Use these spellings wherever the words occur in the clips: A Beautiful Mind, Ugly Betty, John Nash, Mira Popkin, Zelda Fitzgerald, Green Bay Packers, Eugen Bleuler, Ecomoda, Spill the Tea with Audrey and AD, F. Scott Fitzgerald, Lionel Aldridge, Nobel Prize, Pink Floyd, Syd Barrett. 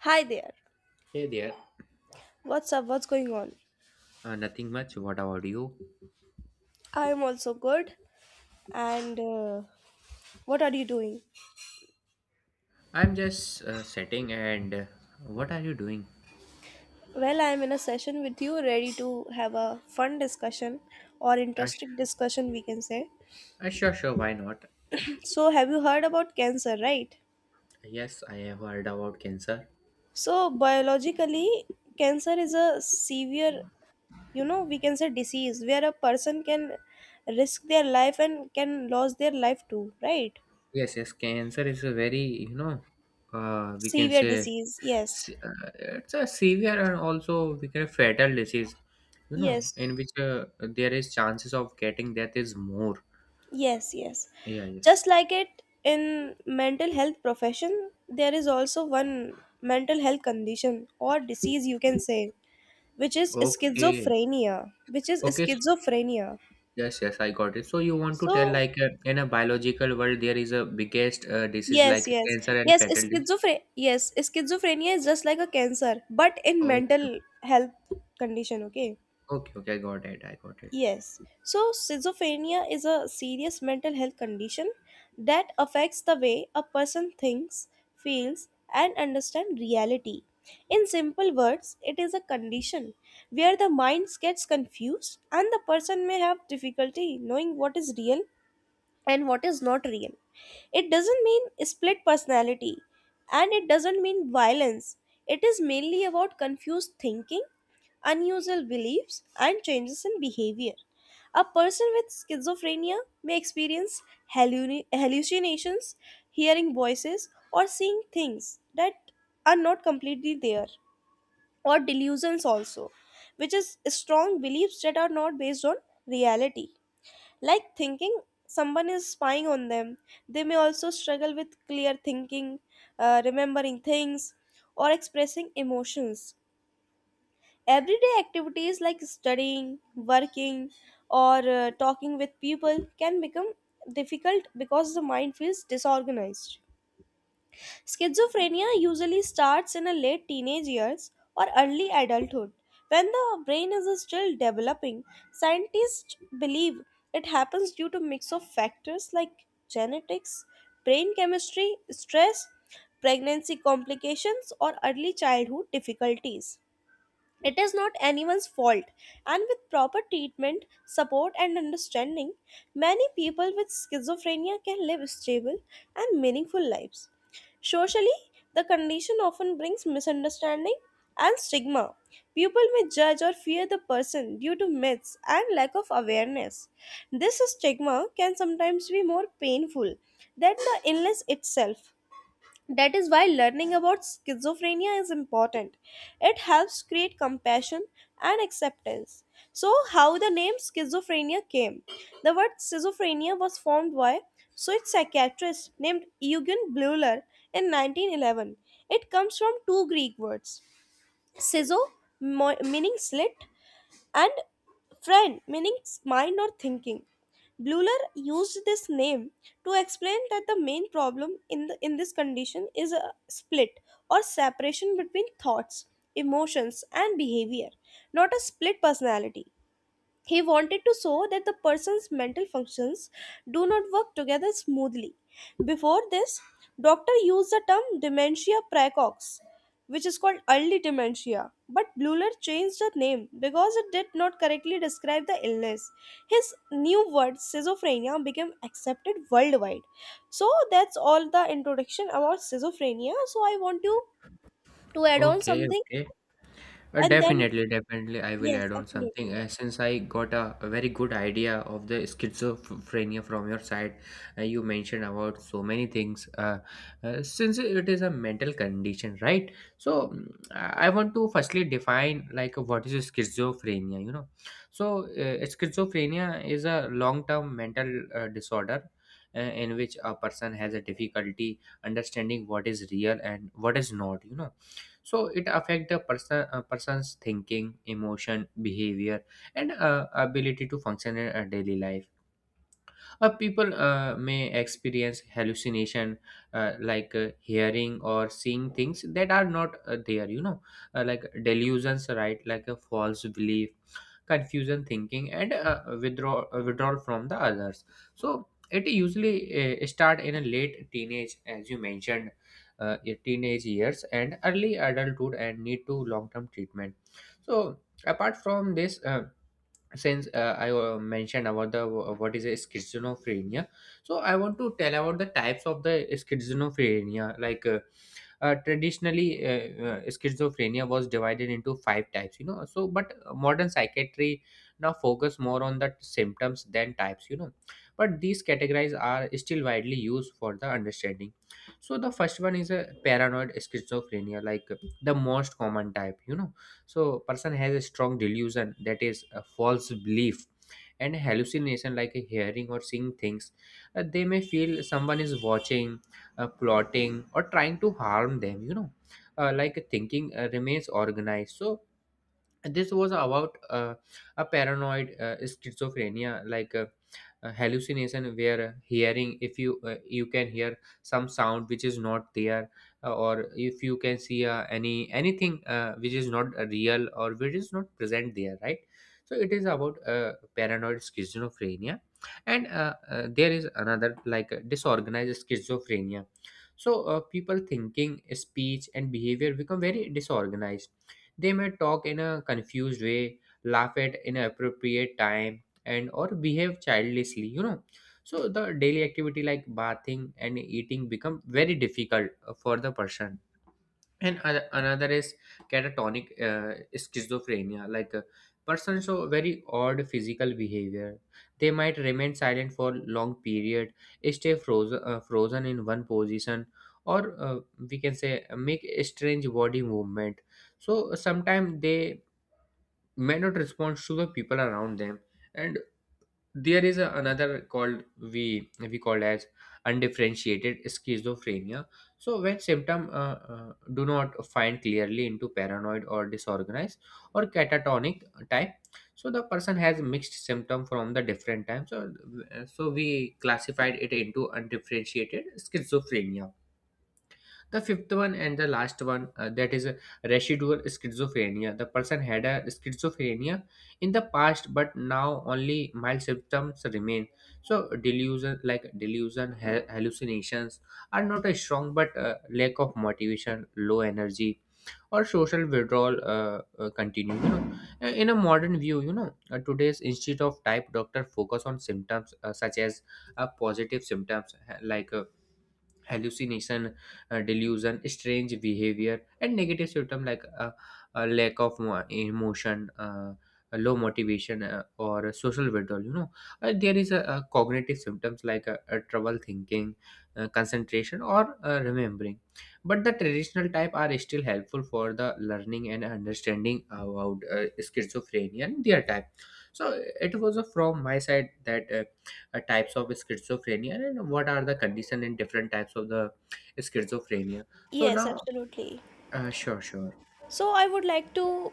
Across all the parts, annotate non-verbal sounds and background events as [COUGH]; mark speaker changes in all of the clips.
Speaker 1: Hi there.
Speaker 2: Hey there.
Speaker 1: What's up? What's going on?
Speaker 2: Nothing much. What about you?
Speaker 1: I'm also good. And what are you doing?
Speaker 2: I'm just sitting and what are you doing?
Speaker 1: Well, I'm in a session with you, ready to have a fun discussion or
Speaker 2: Uh, sh-
Speaker 1: interesting discussion, we can say.
Speaker 2: sure, sure. Why not?
Speaker 1: So, have you heard about cancer, right?
Speaker 2: Yes, I have heard about cancer.
Speaker 1: So, biologically, cancer is a severe, you know, we can say disease where a person can risk their life and can lose their life too, right?
Speaker 2: Yes, yes. Cancer is a very, we can
Speaker 1: Severe
Speaker 2: say
Speaker 1: disease, yes.
Speaker 2: se- uh, it's a severe and also we can fatal disease,
Speaker 1: Yes.
Speaker 2: in which there is chances of getting death is more.
Speaker 1: Yes, yes.
Speaker 2: Yeah, yes.
Speaker 1: Just like it in mental health profession, there is also one mental health condition or disease you can say, which is
Speaker 2: Okay.
Speaker 1: schizophrenia, which is
Speaker 2: Okay,
Speaker 1: schizophrenia.
Speaker 2: yes, yes, I got it. So you want to tell
Speaker 1: So,
Speaker 2: like in a biological world there is a biggest disease
Speaker 1: yes,
Speaker 2: like
Speaker 1: yes.
Speaker 2: cancer and fatality.
Speaker 1: Yes, schizophrenia is just like a cancer, but in
Speaker 2: Okay,
Speaker 1: mental health condition, okay?
Speaker 2: okay, okay, I got it. I got it.
Speaker 1: Yes. So, schizophrenia is a serious mental health condition that affects the way a person thinks, feels, and understands reality. In simple words, it is a condition where the mind gets confused and the person may have difficulty knowing what is real and what is not real. It doesn't mean split personality and it doesn't mean violence. It is mainly about confused thinking, unusual beliefs, and changes in behavior. A person with schizophrenia may experience hallucinations, hearing voices, or seeing things that are not completely there, or delusions also, which is strong beliefs that are not based on reality like thinking someone is spying on them. They may also struggle with clear thinking, remembering things, or expressing emotions. Everyday activities like studying, working, or talking with people can become difficult because the mind feels disorganized. Schizophrenia usually starts in a late teenage years or early adulthood. When the brain is still developing, scientists believe it happens due to mix of factors like genetics, brain chemistry, stress, pregnancy complications or early childhood difficulties. It is not anyone's fault, and with proper treatment, support, and understanding, many people with schizophrenia can live stable and meaningful lives. Socially, the condition often brings misunderstanding and stigma. People may judge or fear the person due to myths and lack of awareness. This stigma can sometimes be more painful than the illness itself. That is why learning about schizophrenia is important. It helps create compassion and acceptance. So, how the name schizophrenia came? The word schizophrenia was formed by Swiss psychiatrist named Eugen Bleuler in 1911. It comes from two Greek words schizo, meaning slit, and friend meaning mind or thinking. Bleuler used this name to explain that the main problem in this condition is a split or separation between thoughts, emotions, and behavior, not a split personality. He wanted to show that the person's mental functions do not work together smoothly. Before this, doctor used the term dementia praecox, which is called early dementia, but Bleuler changed the name because it did not correctly describe the illness. His new word schizophrenia became accepted worldwide. So that's all the introduction about schizophrenia. So I want you to add on
Speaker 2: Okay,
Speaker 1: something
Speaker 2: okay.
Speaker 1: and then
Speaker 2: Definitely, definitely, I will
Speaker 1: yes,
Speaker 2: add on
Speaker 1: absolutely.
Speaker 2: something. Since I got a very good idea of the schizophrenia from your side, you mentioned about so many things. Since it is a mental condition, right? So I want to firstly define like what is schizophrenia. You know, so schizophrenia is a long-term mental disorder. In which a person has a difficulty understanding what is real and what is not, you know, so it affect the person person's thinking, emotion, behavior and ability to function in a daily life. People may experience hallucination, like hearing or seeing things that are not there, you know, like delusions, right, like a false belief, confusion thinking and withdrawal from the others. So it usually start in a late teenage, as you mentioned, your teenage years and early adulthood, and need to long term treatment. So apart from this, since I mentioned about the what is a schizophrenia, so I want to tell about the types of the schizophrenia, traditionally schizophrenia was divided into five types, you know. So but modern psychiatry now focus more on the symptoms than types, you know, but these categories are still widely used for the understanding. So the first one is a paranoid schizophrenia, the most common type, you know. So person has a strong delusion, that is a false belief, and hallucination like hearing or seeing things. They may feel someone is watching, plotting or trying to harm them, you know, like thinking remains organized. So this was about a paranoid schizophrenia, a hallucination where hearing, if you you can hear some sound which is not there, or if you can see anything which is not real or which is not present there, right? So it is about paranoid schizophrenia. And there is another, disorganized schizophrenia. So people thinking, speech and behavior become very disorganized. They may talk in a confused way, laugh at inappropriate time, and or behave childishly, you know. So the daily activity like bathing and eating become very difficult for the person. And another is catatonic schizophrenia, persons show very odd physical behavior. They might remain silent for long period, stay frozen in one position, or we can say make a strange body movement. So sometimes they may not respond to the people around them. And there is another, called, we called as undifferentiated schizophrenia. So when symptom do not find clearly into paranoid or disorganized or catatonic type, so the person has mixed symptom from the different types, so so we classified it into undifferentiated schizophrenia. The fifth one and the last one, that is residual schizophrenia. The person had a schizophrenia in the past, but now only mild symptoms remain. So delusion, like delusion, hallucinations, are not as strong, but lack of motivation, low energy, or social withdrawal continue. You know, in a modern view, you know, today's instead of type doctor focus on symptoms such as positive symptoms like hallucination, delusion, strange behavior, and negative symptom like a lack of emotion, low motivation, or social withdrawal. You know, there is a cognitive symptoms like trouble thinking, concentration, or remembering. But the traditional type are still helpful for the learning and understanding about schizophrenia and their type. So it was from my side that. Types of schizophrenia and what are the condition in different types of the schizophrenia so
Speaker 1: Yes,
Speaker 2: now
Speaker 1: absolutely.
Speaker 2: uh, sure sure
Speaker 1: So I would like to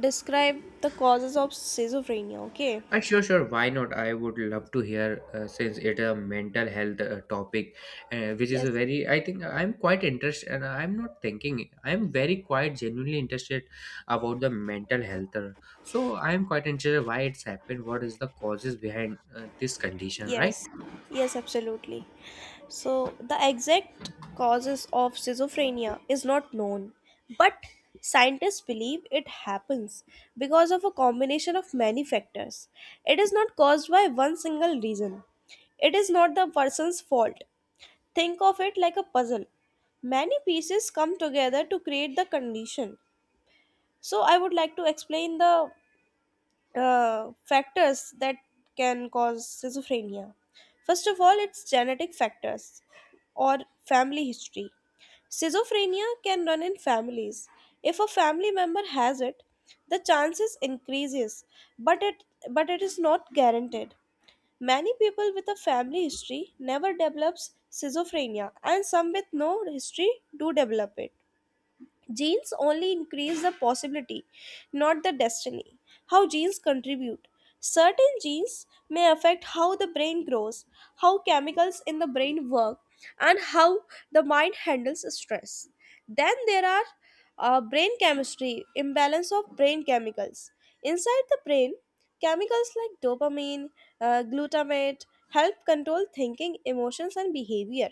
Speaker 1: describe the causes of schizophrenia, okay?
Speaker 2: sure, sure, why not? I would love to hear. Since it a mental health topic which is
Speaker 1: Yes.
Speaker 2: a very, I think I'm quite interested, and I'm not thinking, I'm very quite genuinely interested about the mental health, so I'm quite interested why it's happened, what is the causes behind this condition, right?
Speaker 1: Yes. Yes, absolutely. So the exact causes of schizophrenia is not known, but scientists believe it happens because of a combination of many factors. It is not caused by one single reason. It is not the person's fault. Think of it like a puzzle. Many pieces come together to create the condition. So I would like to explain the factors that can cause schizophrenia. First of all, it's genetic factors or family history. Schizophrenia can run in families. If a family member has it, the chances increases, but it but it is not guaranteed. Many people with a family history never develops schizophrenia and some with no history do develop it. Genes only increase the possibility, not the destiny. How genes contribute. Certain genes may affect how the brain grows, how chemicals in the brain work, and how the mind handles stress. Then there are brain chemistry, imbalance of brain chemicals. Inside the brain, chemicals like dopamine, glutamate help control thinking, emotions, and behavior.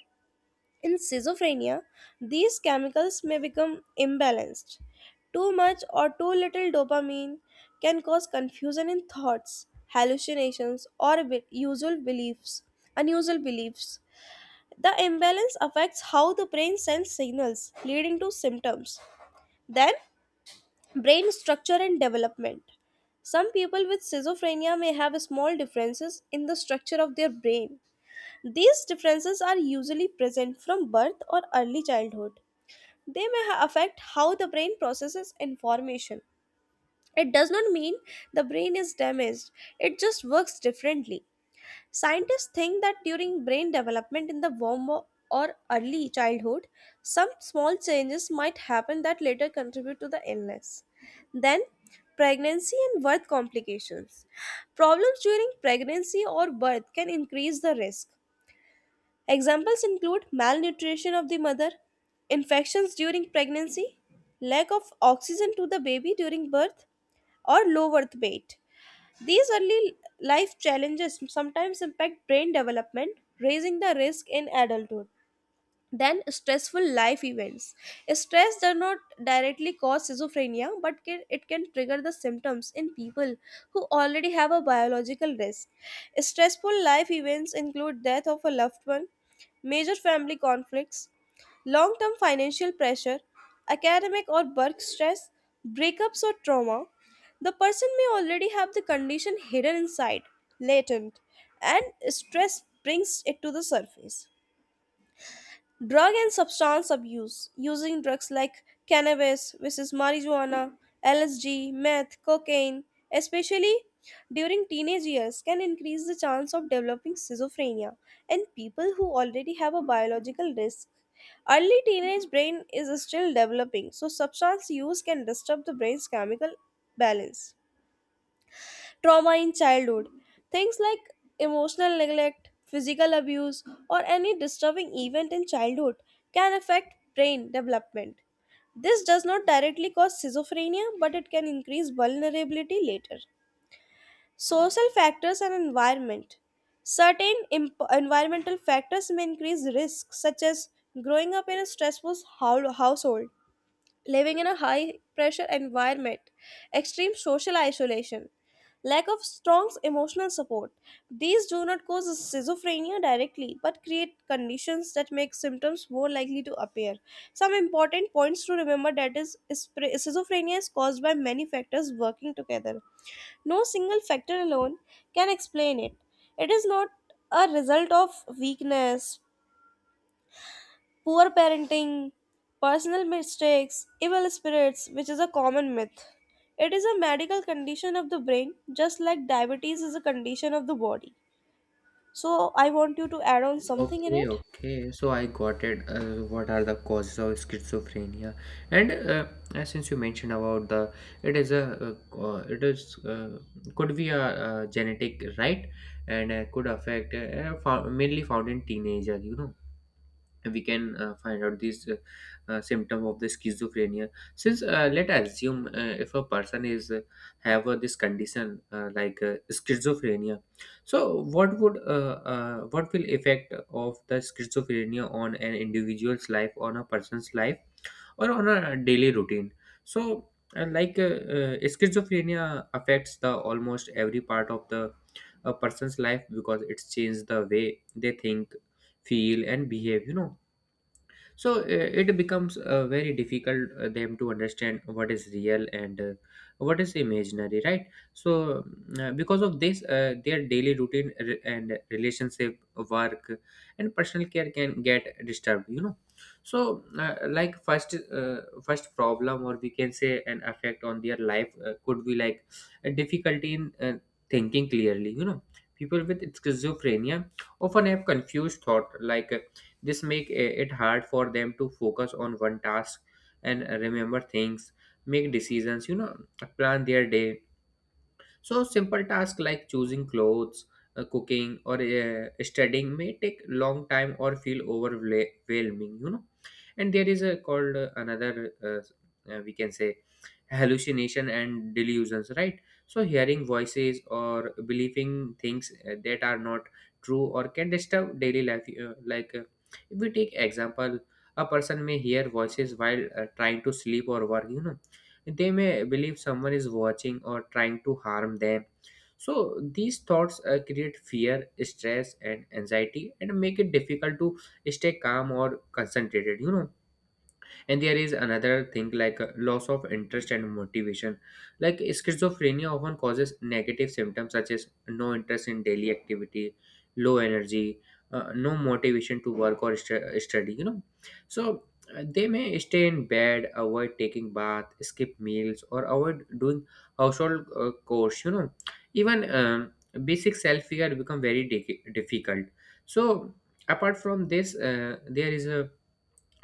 Speaker 1: In schizophrenia, these chemicals may become imbalanced. Too much or too little dopamine can cause confusion in thoughts, hallucinations, or unusual beliefs. The imbalance affects how the brain sends signals, leading to symptoms. Then, brain structure and development. Some people with schizophrenia may have small differences in the structure of their brain, these differences are usually present from birth or early childhood. They may affect how the brain processes information. It does not mean the brain is damaged, it just works differently. Scientists think that during brain development in the womb or early childhood, some small changes might happen that later contribute to the illness. Then, pregnancy and birth complications. Problems during pregnancy or birth can increase the risk. Examples include malnutrition of the mother, infections during pregnancy, lack of oxygen to the baby during birth, or low birth weight. These early life challenges sometimes impact brain development, raising the risk in adulthood. Then stressful life events. Stress does not directly cause schizophrenia, but it can trigger the symptoms in people who already have a biological risk. Stressful life events include death of a loved one, major family conflicts, long term financial pressure, academic or work stress, breakups or trauma, the person may already have the condition hidden inside, latent, and stress brings it to the surface. Drug and substance abuse using drugs like cannabis, which is marijuana, LSD, meth, cocaine, especially during teenage years, can increase the chance of developing schizophrenia in people who already have a biological risk. Early teenage brain is still developing, so substance use can disturb the brain's chemical balance trauma in childhood. Things like emotional neglect, physical abuse, or any disturbing event in childhood can affect brain development. This does not directly cause schizophrenia, but it can increase vulnerability later. Social factors and environment. Certain environmental factors may increase risks, such as growing up in a stressful household living in a high pressure environment, extreme social isolation, lack of strong emotional support. These do not cause schizophrenia directly but create conditions that make symptoms more likely to appear. Some important points to remember that is schizophrenia is caused by many factors working together. No single factor alone can explain it. It is not a result of weakness, poor parenting, personal mistakes, evil spirits, which is a common myth. It is a medical condition of the brain, just like diabetes is a condition of the body. So, I want you to add on something in
Speaker 2: Okay,
Speaker 1: it.
Speaker 2: okay. So I got it. What are the causes of schizophrenia? And since you mentioned about the, it is a, it is could be a, uh, genetic, right, and could affect mainly found in teenager. You know, we can find out this symptom of the schizophrenia since let assume if a person is have this condition like schizophrenia. So what would what will effect of the schizophrenia on an individual's life, on a person's life, or on a daily routine? So schizophrenia affects the almost every part of the a person's life, because it's changed the way they think, feel and behave, you know. So it becomes very difficult them to understand what is real and what is imaginary, right? So because of this, their daily routine and relationship, work and personal care can get disturbed, you know. So first first problem, or we can say, an effect on their life could be like a difficulty in thinking clearly, you know. People with schizophrenia often have confused thought like this make it hard for them to focus on one task and remember things, make decisions, you know, plan their day. So simple tasks like choosing clothes, cooking, or studying may take long time or feel overwhelming, you know. And there is a called another, we can say, hallucination and delusions, right? So hearing voices or believing things that are not true or can disturb daily life. If we take example, a person may hear voices while trying to sleep or work, you know, they may believe someone is watching or trying to harm them. So these thoughts create fear, stress, and anxiety, and make it difficult to stay calm or concentrated. You know, and there is another thing like loss of interest and motivation, like schizophrenia often causes negative symptoms such as no interest in daily activity, low energy, no motivation to work or study, you know. So they may stay in bed, avoid taking bath, skip meals, or avoid doing household chores, you know. Even basic self care become very difficult. So apart from this, there is a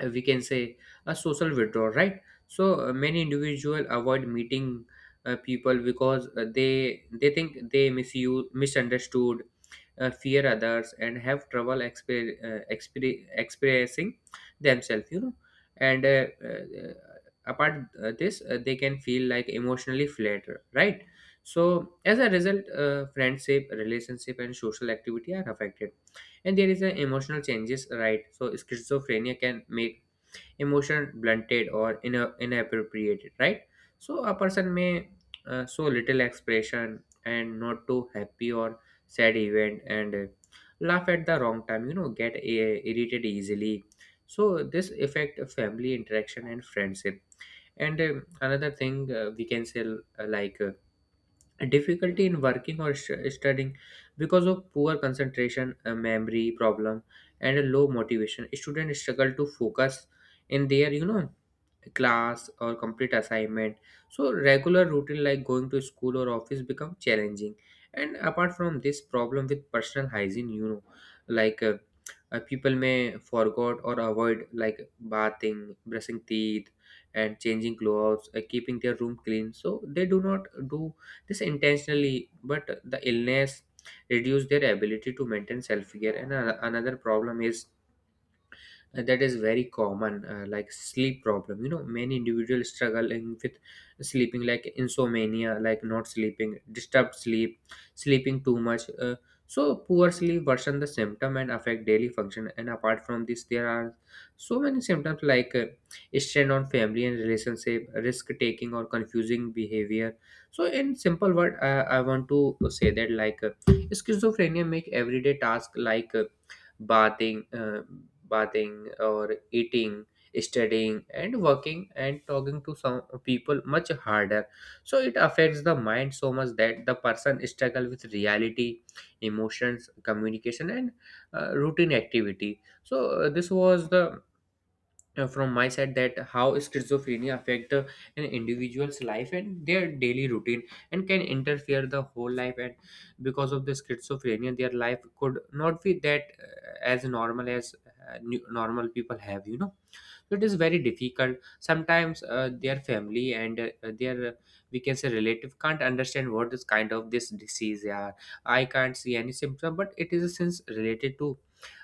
Speaker 2: we can say, a social withdrawal, right? So many individual avoid meeting people because they think they misuse misunderstood, fear others and have trouble expressing themselves, you know. And apart this they can feel like emotionally flat, right? So as a result, friendship, relationship and social activity are affected. And there is an emotional changes, right? So schizophrenia can make emotion blunted or inappropriate, right? So a person may show little expression and not too happy or sad event, and laugh at the wrong time, you know, get irritated easily. So this affect family interaction and friendship. And another thing we can say like difficulty in working or studying. Because of poor concentration, memory problem and a low motivation, students struggle to focus in their, you know, class or complete assignment. So regular routine like going to school or office become challenging. And apart from this, problem with personal hygiene, you know, like uh, people may forgot or avoid like bathing, brushing teeth and changing clothes, keeping their room clean. So they do not do this intentionally, but the illness reduce their ability to maintain self care. And another problem is that is very common, like sleep problem, you know. Many individuals struggling with sleeping, like insomnia, like not sleeping, disturbed sleep, sleeping too much, so poor sleep worsen the symptom and affect daily function. And apart from this, there are so many symptoms like strain on family and Relationship, risk taking, or confusing behavior. So in simple word, I want to say that schizophrenia make everyday task like bathing uh, bathing or eating, studying and working and talking to some people much harder. So it affects the mind so much that the person struggle with reality, emotions, communication, and routine activity. So uh, this was the uh, from my side, that how schizophrenia affect an individual's life and their daily routine, and can interfere the whole life. And because of the schizophrenia, their life could not be that as normal as normal people have, you know. So, it is very difficult sometimes, their family and their we can say relative can't understand what is kind of this disease they are. I can't see any symptom, but it is a sense related to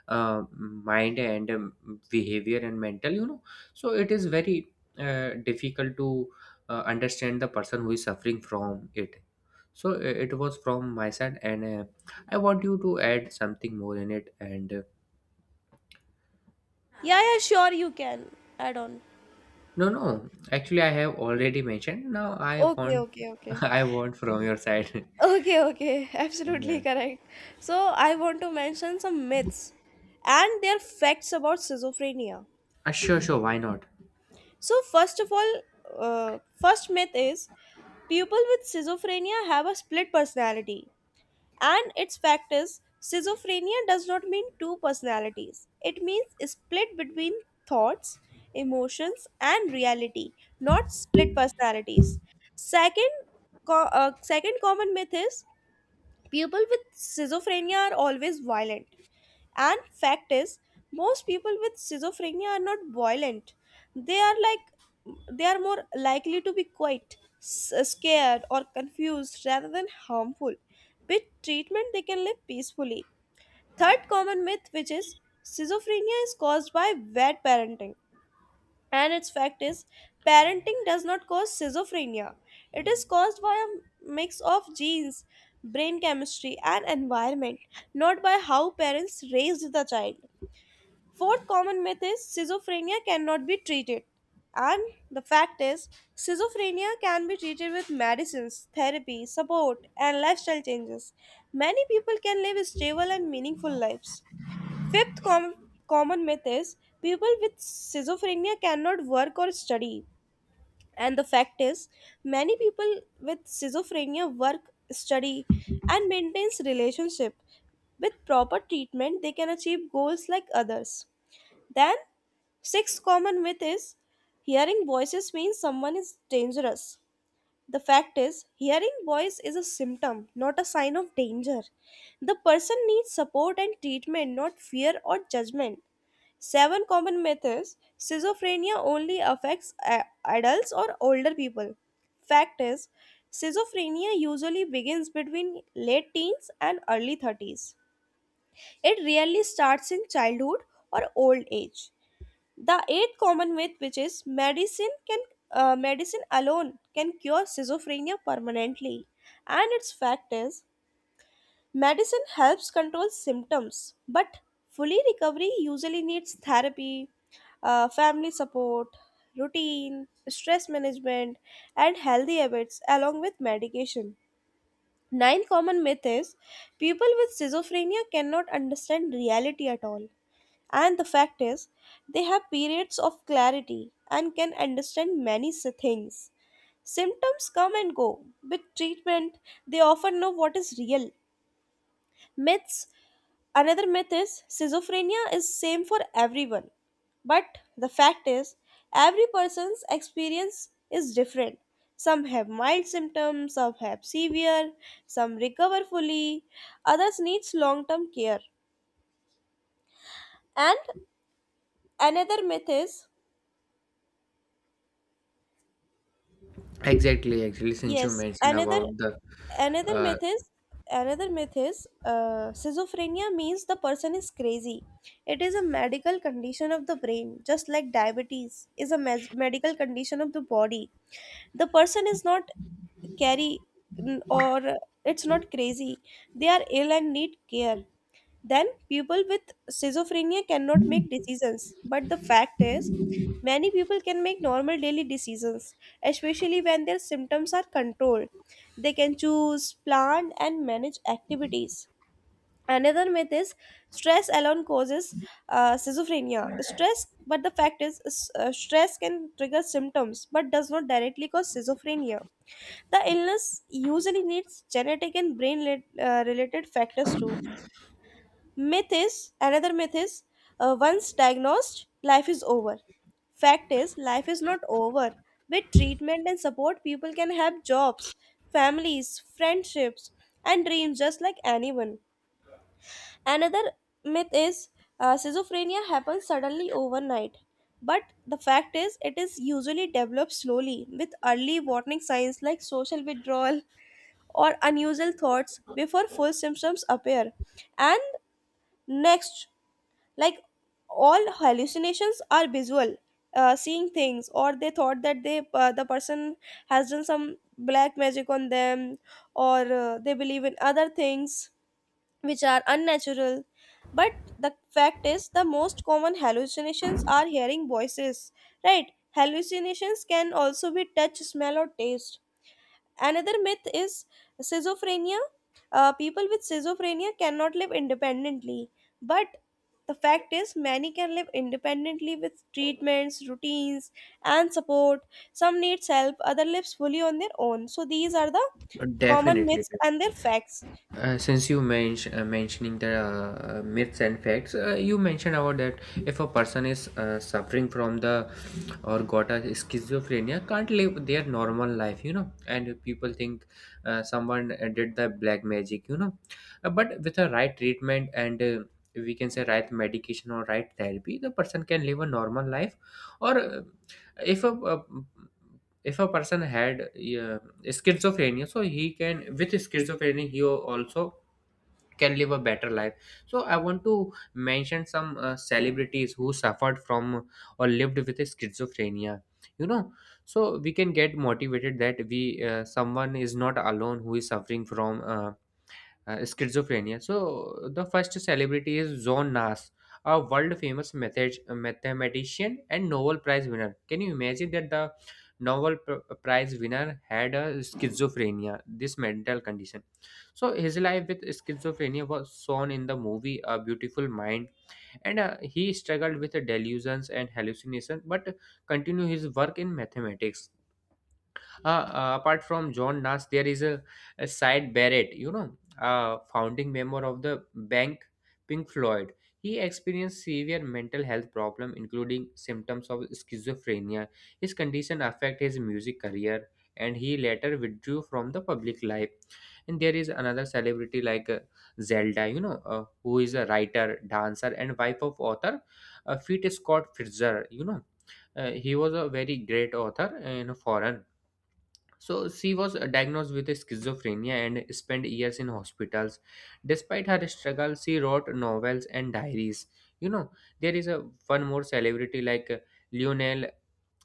Speaker 2: mind and behavior and mental, you know. So it is very difficult to understand the person who is suffering from it. So it was from my side, and I want you to add something more in it and
Speaker 1: Yeah, yeah, sure, you can add on.
Speaker 2: no, no, actually I have already mentioned. Now I
Speaker 1: Okay,
Speaker 2: want
Speaker 1: okay,
Speaker 2: [LAUGHS]
Speaker 1: okay.
Speaker 2: I want from your side. [LAUGHS]
Speaker 1: Okay, okay, [LAUGHS] absolutely
Speaker 2: Yeah.
Speaker 1: correct. So, I want to mention some myths and their facts about schizophrenia.
Speaker 2: Sure, sure. Why not?
Speaker 1: So, first of all, first myth is people with schizophrenia have a split personality. And its fact is, schizophrenia does not mean two personalities, it means a split between thoughts, emotions, and reality, not split personalities. Second, second common myth is people with schizophrenia are always violent. And fact is, most people with schizophrenia are not violent. They are like they are more likely to be quiet, scared, or confused rather than harmful. With treatment, they can live peacefully. Third common myth, which is schizophrenia is caused by bad parenting. And its fact is, parenting does not cause schizophrenia. It is caused by a mix of genes, brain chemistry, and environment, not by how parents raised the child. Fourth common myth is schizophrenia cannot be treated. And the fact is, schizophrenia can be treated with medicines, therapy, support, and lifestyle changes. Many people can live stable and meaningful lives. Fifth com- common myth is people with schizophrenia cannot work or study. And the fact is, many people with schizophrenia work, study, and maintains relationship. With proper treatment, they can achieve goals like others. Then, sixth common myth is hearing voices means someone is dangerous. The fact is, hearing voice is a symptom, not a sign of danger. The person needs support and treatment, not fear or judgment. Seven common myths schizophrenia only affects adults or older people. Fact is, schizophrenia usually begins between late teens and early 30s. It rarely starts in childhood or old age. The eighth common myth, which is medicine alone can cure schizophrenia permanently, and its fact is medicine helps control symptoms, but fully recovery usually needs therapy, family support, routine, stress management, and healthy habits along with medication. Ninth common myth is people with schizophrenia cannot understand reality at all. And the fact is, they have periods of clarity and can understand many things. Symptoms come and go. With treatment, they often know what is real. Myths another myth is schizophrenia is same for everyone. But the fact is every person's experience is different. Some have mild symptoms, some have severe, some recover fully, others needs long-term care. And another myth is.
Speaker 2: Exactly, actually, since you
Speaker 1: Yes,
Speaker 2: mentioned
Speaker 1: another
Speaker 2: about the,
Speaker 1: another
Speaker 2: uh,
Speaker 1: myth is another myth is schizophrenia means the person is crazy. It is a medical condition of the brain, just like diabetes is a medical condition of the body. The person is not carry n- or it's not crazy. They are ill and need care. Then people with schizophrenia cannot make decisions. But the fact is, many people can make normal daily decisions, especially when their symptoms are controlled. They can choose, plan, and manage activities. Another myth is stress alone causes schizophrenia. Stress, but the fact is, stress can trigger symptoms but does not directly cause schizophrenia. The illness usually needs genetic and brain-related factors too. Myth is another myth is once diagnosed, life is over. Fact is, life is not over. With treatment and support, people can have jobs, families, friendships, and dreams just like anyone. Another myth is schizophrenia happens suddenly overnight. But the fact is, it is usually developed slowly with early warning signs like social withdrawal or unusual thoughts before full symptoms appear. And next, like all hallucinations are visual, seeing things, or they thought that the person has done some black magic on them, or they believe in other things which are unnatural. But the fact is, the most common hallucinations are hearing voices. Right, hallucinations can also be touch, smell, or taste. Another myth is schizophrenia. People with schizophrenia cannot live independently, but the fact is, many can live independently with treatments, routines, and support. Some needs help, other lives fully on their own. So these are the common
Speaker 2: definitely,
Speaker 1: myths and their facts.
Speaker 2: Since you mentioned mentioning the myths and facts, you mentioned about that if a person is suffering from the or got a schizophrenia, can't live their normal life, you know. And people think someone did the black magic, you know. But with the right treatment and we can say right medication or right therapy, the person can live a normal life. Or If a, if a person had schizophrenia, so he can, with schizophrenia he also can live a better life. So I want to mention some celebrities who suffered from or lived with schizophrenia, you know, so we can get motivated that we someone is not alone who is suffering from schizophrenia. So the first celebrity is John Nash, a world famous mathematician and Nobel Prize winner. Can you imagine that the Nobel Prize winner had a schizophrenia, this mental condition? So his life with schizophrenia was shown in the movie A Beautiful Mind, and he struggled with delusions and hallucinations, but continued his work in mathematics. Apart from John Nash, there is a side Barrett, you know, a founding member of the bank Pink Floyd. He experienced severe mental health problem, including symptoms of schizophrenia. His condition affected his music career, and he later withdrew from the public life. And there is another celebrity like Zelda, you know, who is a writer, dancer, and wife of author Pete Scott Fitzgerald. You know, he was a very great author in foreign. So she was diagnosed with schizophrenia and spent years in hospitals. Despite her struggle, she wrote novels and diaries. You know, there is a one more celebrity like Lionel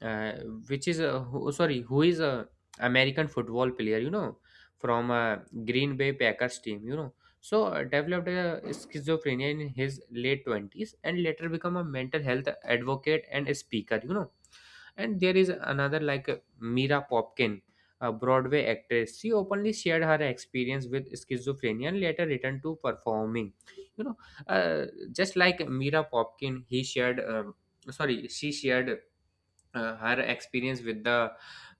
Speaker 2: uh, which is a who, sorry, who is a american football player, you know, from green bay packers team, you know. So developed a schizophrenia in his late 20s and later become a mental health advocate and a speaker, you know. And there is another like mira popkin, a broadway actress. She openly shared her experience with schizophrenia and later returned to performing, you know. uh, just like mira popkin, he shared um, sorry, she shared her experience with the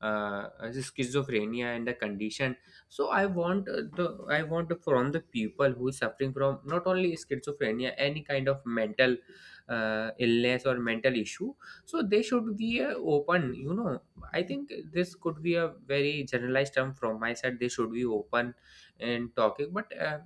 Speaker 2: schizophrenia and the condition. So I want the I want from the people who is suffering from not only schizophrenia, any kind of mental illness or mental issue. So they should be open, you know. I think this could be a very generalized term from my side. They should be open and talking. But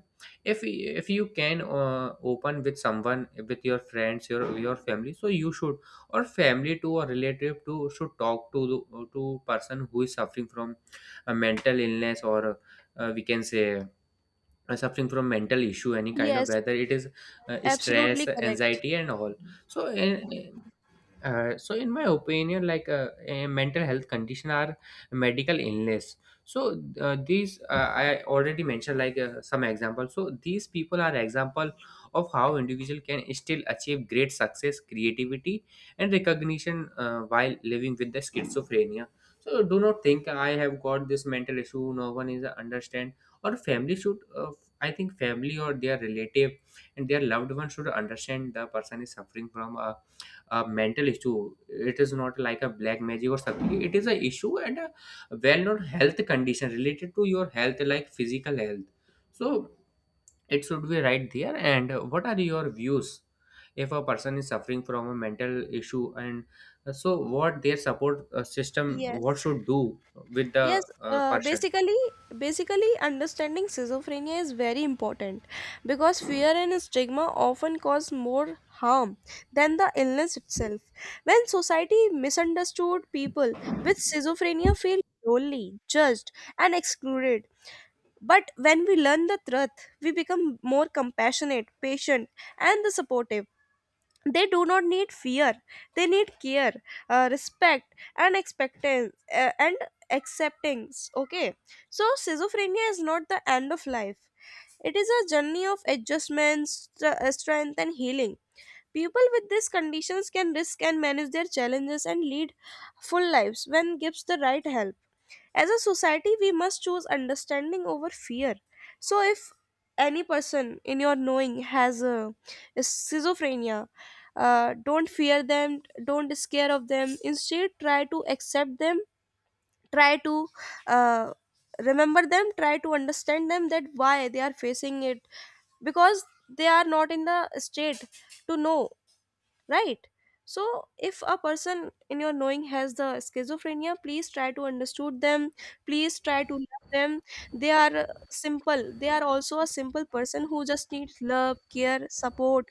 Speaker 2: if you can open with someone, with your friends, your family, so you should or family to or relative to should talk to to person who is suffering from a mental illness, or we can say suffering from mental issue, any kind of,
Speaker 1: Yes,
Speaker 2: whether it is
Speaker 1: absolutely
Speaker 2: stress,
Speaker 1: correct.
Speaker 2: anxiety, and all. So in, uh, so in my opinion, a mental health condition are medical illness. So uh, these uh, I already mentioned some examples, so these people are example of how individual can still achieve great success, creativity, and recognition, while living with the schizophrenia. So do not think I have got this mental issue, no one is understand. Or family should, I think family or their relative and their loved one should understand the person is suffering from a mental issue. It is not like a black magic or something. It is a issue and a well-known health condition related to your health, like physical health. So it should be right there. And what are your views if a person is suffering from a mental issue, and so what their support system,
Speaker 1: Yes.
Speaker 2: what should do with the
Speaker 1: Yes, uh,
Speaker 2: person.
Speaker 1: basically, basically, understanding schizophrenia is very important because fear and stigma often cause more harm than the illness itself. When society misunderstood, people with schizophrenia feel lonely, judged, and excluded. But when we learn the truth, we become more compassionate, patient, and the supportive. They do not need fear, they need care, respect and expectance, and acceptance. Okay, so schizophrenia is not the end of life. It is a journey of adjustments, strength and healing. People with these conditions can risk and manage their challenges and lead full lives when gives the right help. As a society, we must choose understanding over fear. So, if any person in your knowing has a schizophrenia, don't fear them, don't scare of them. Instead, try to accept them, try to uh, remember them, try to understand them that why they are facing it, because they are not in the state to know, right? So if a person in your knowing has the schizophrenia, please try to understood them, please try to love them. They are simple they are also a simple person who just needs love, care, support,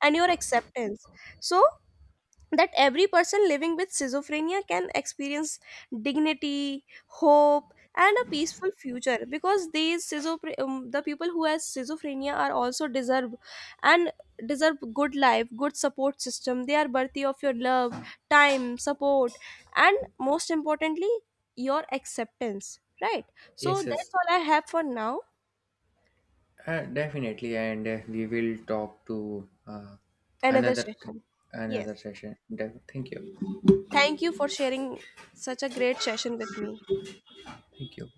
Speaker 1: and your acceptance. So that every person living with schizophrenia can experience dignity, hope, and a peaceful future. Because these schizophrenia, the people who has schizophrenia are also deserve and deserve good life, good support system. They are worthy of your love, time, support, and most importantly, your acceptance. Right. So
Speaker 2: Yes, yes.
Speaker 1: that's all I have for now.
Speaker 2: Definitely. And we will talk to
Speaker 1: Another
Speaker 2: another
Speaker 1: session. Yes,
Speaker 2: another session. Thank you.
Speaker 1: thank you for sharing such a great session with me.
Speaker 2: Thank you.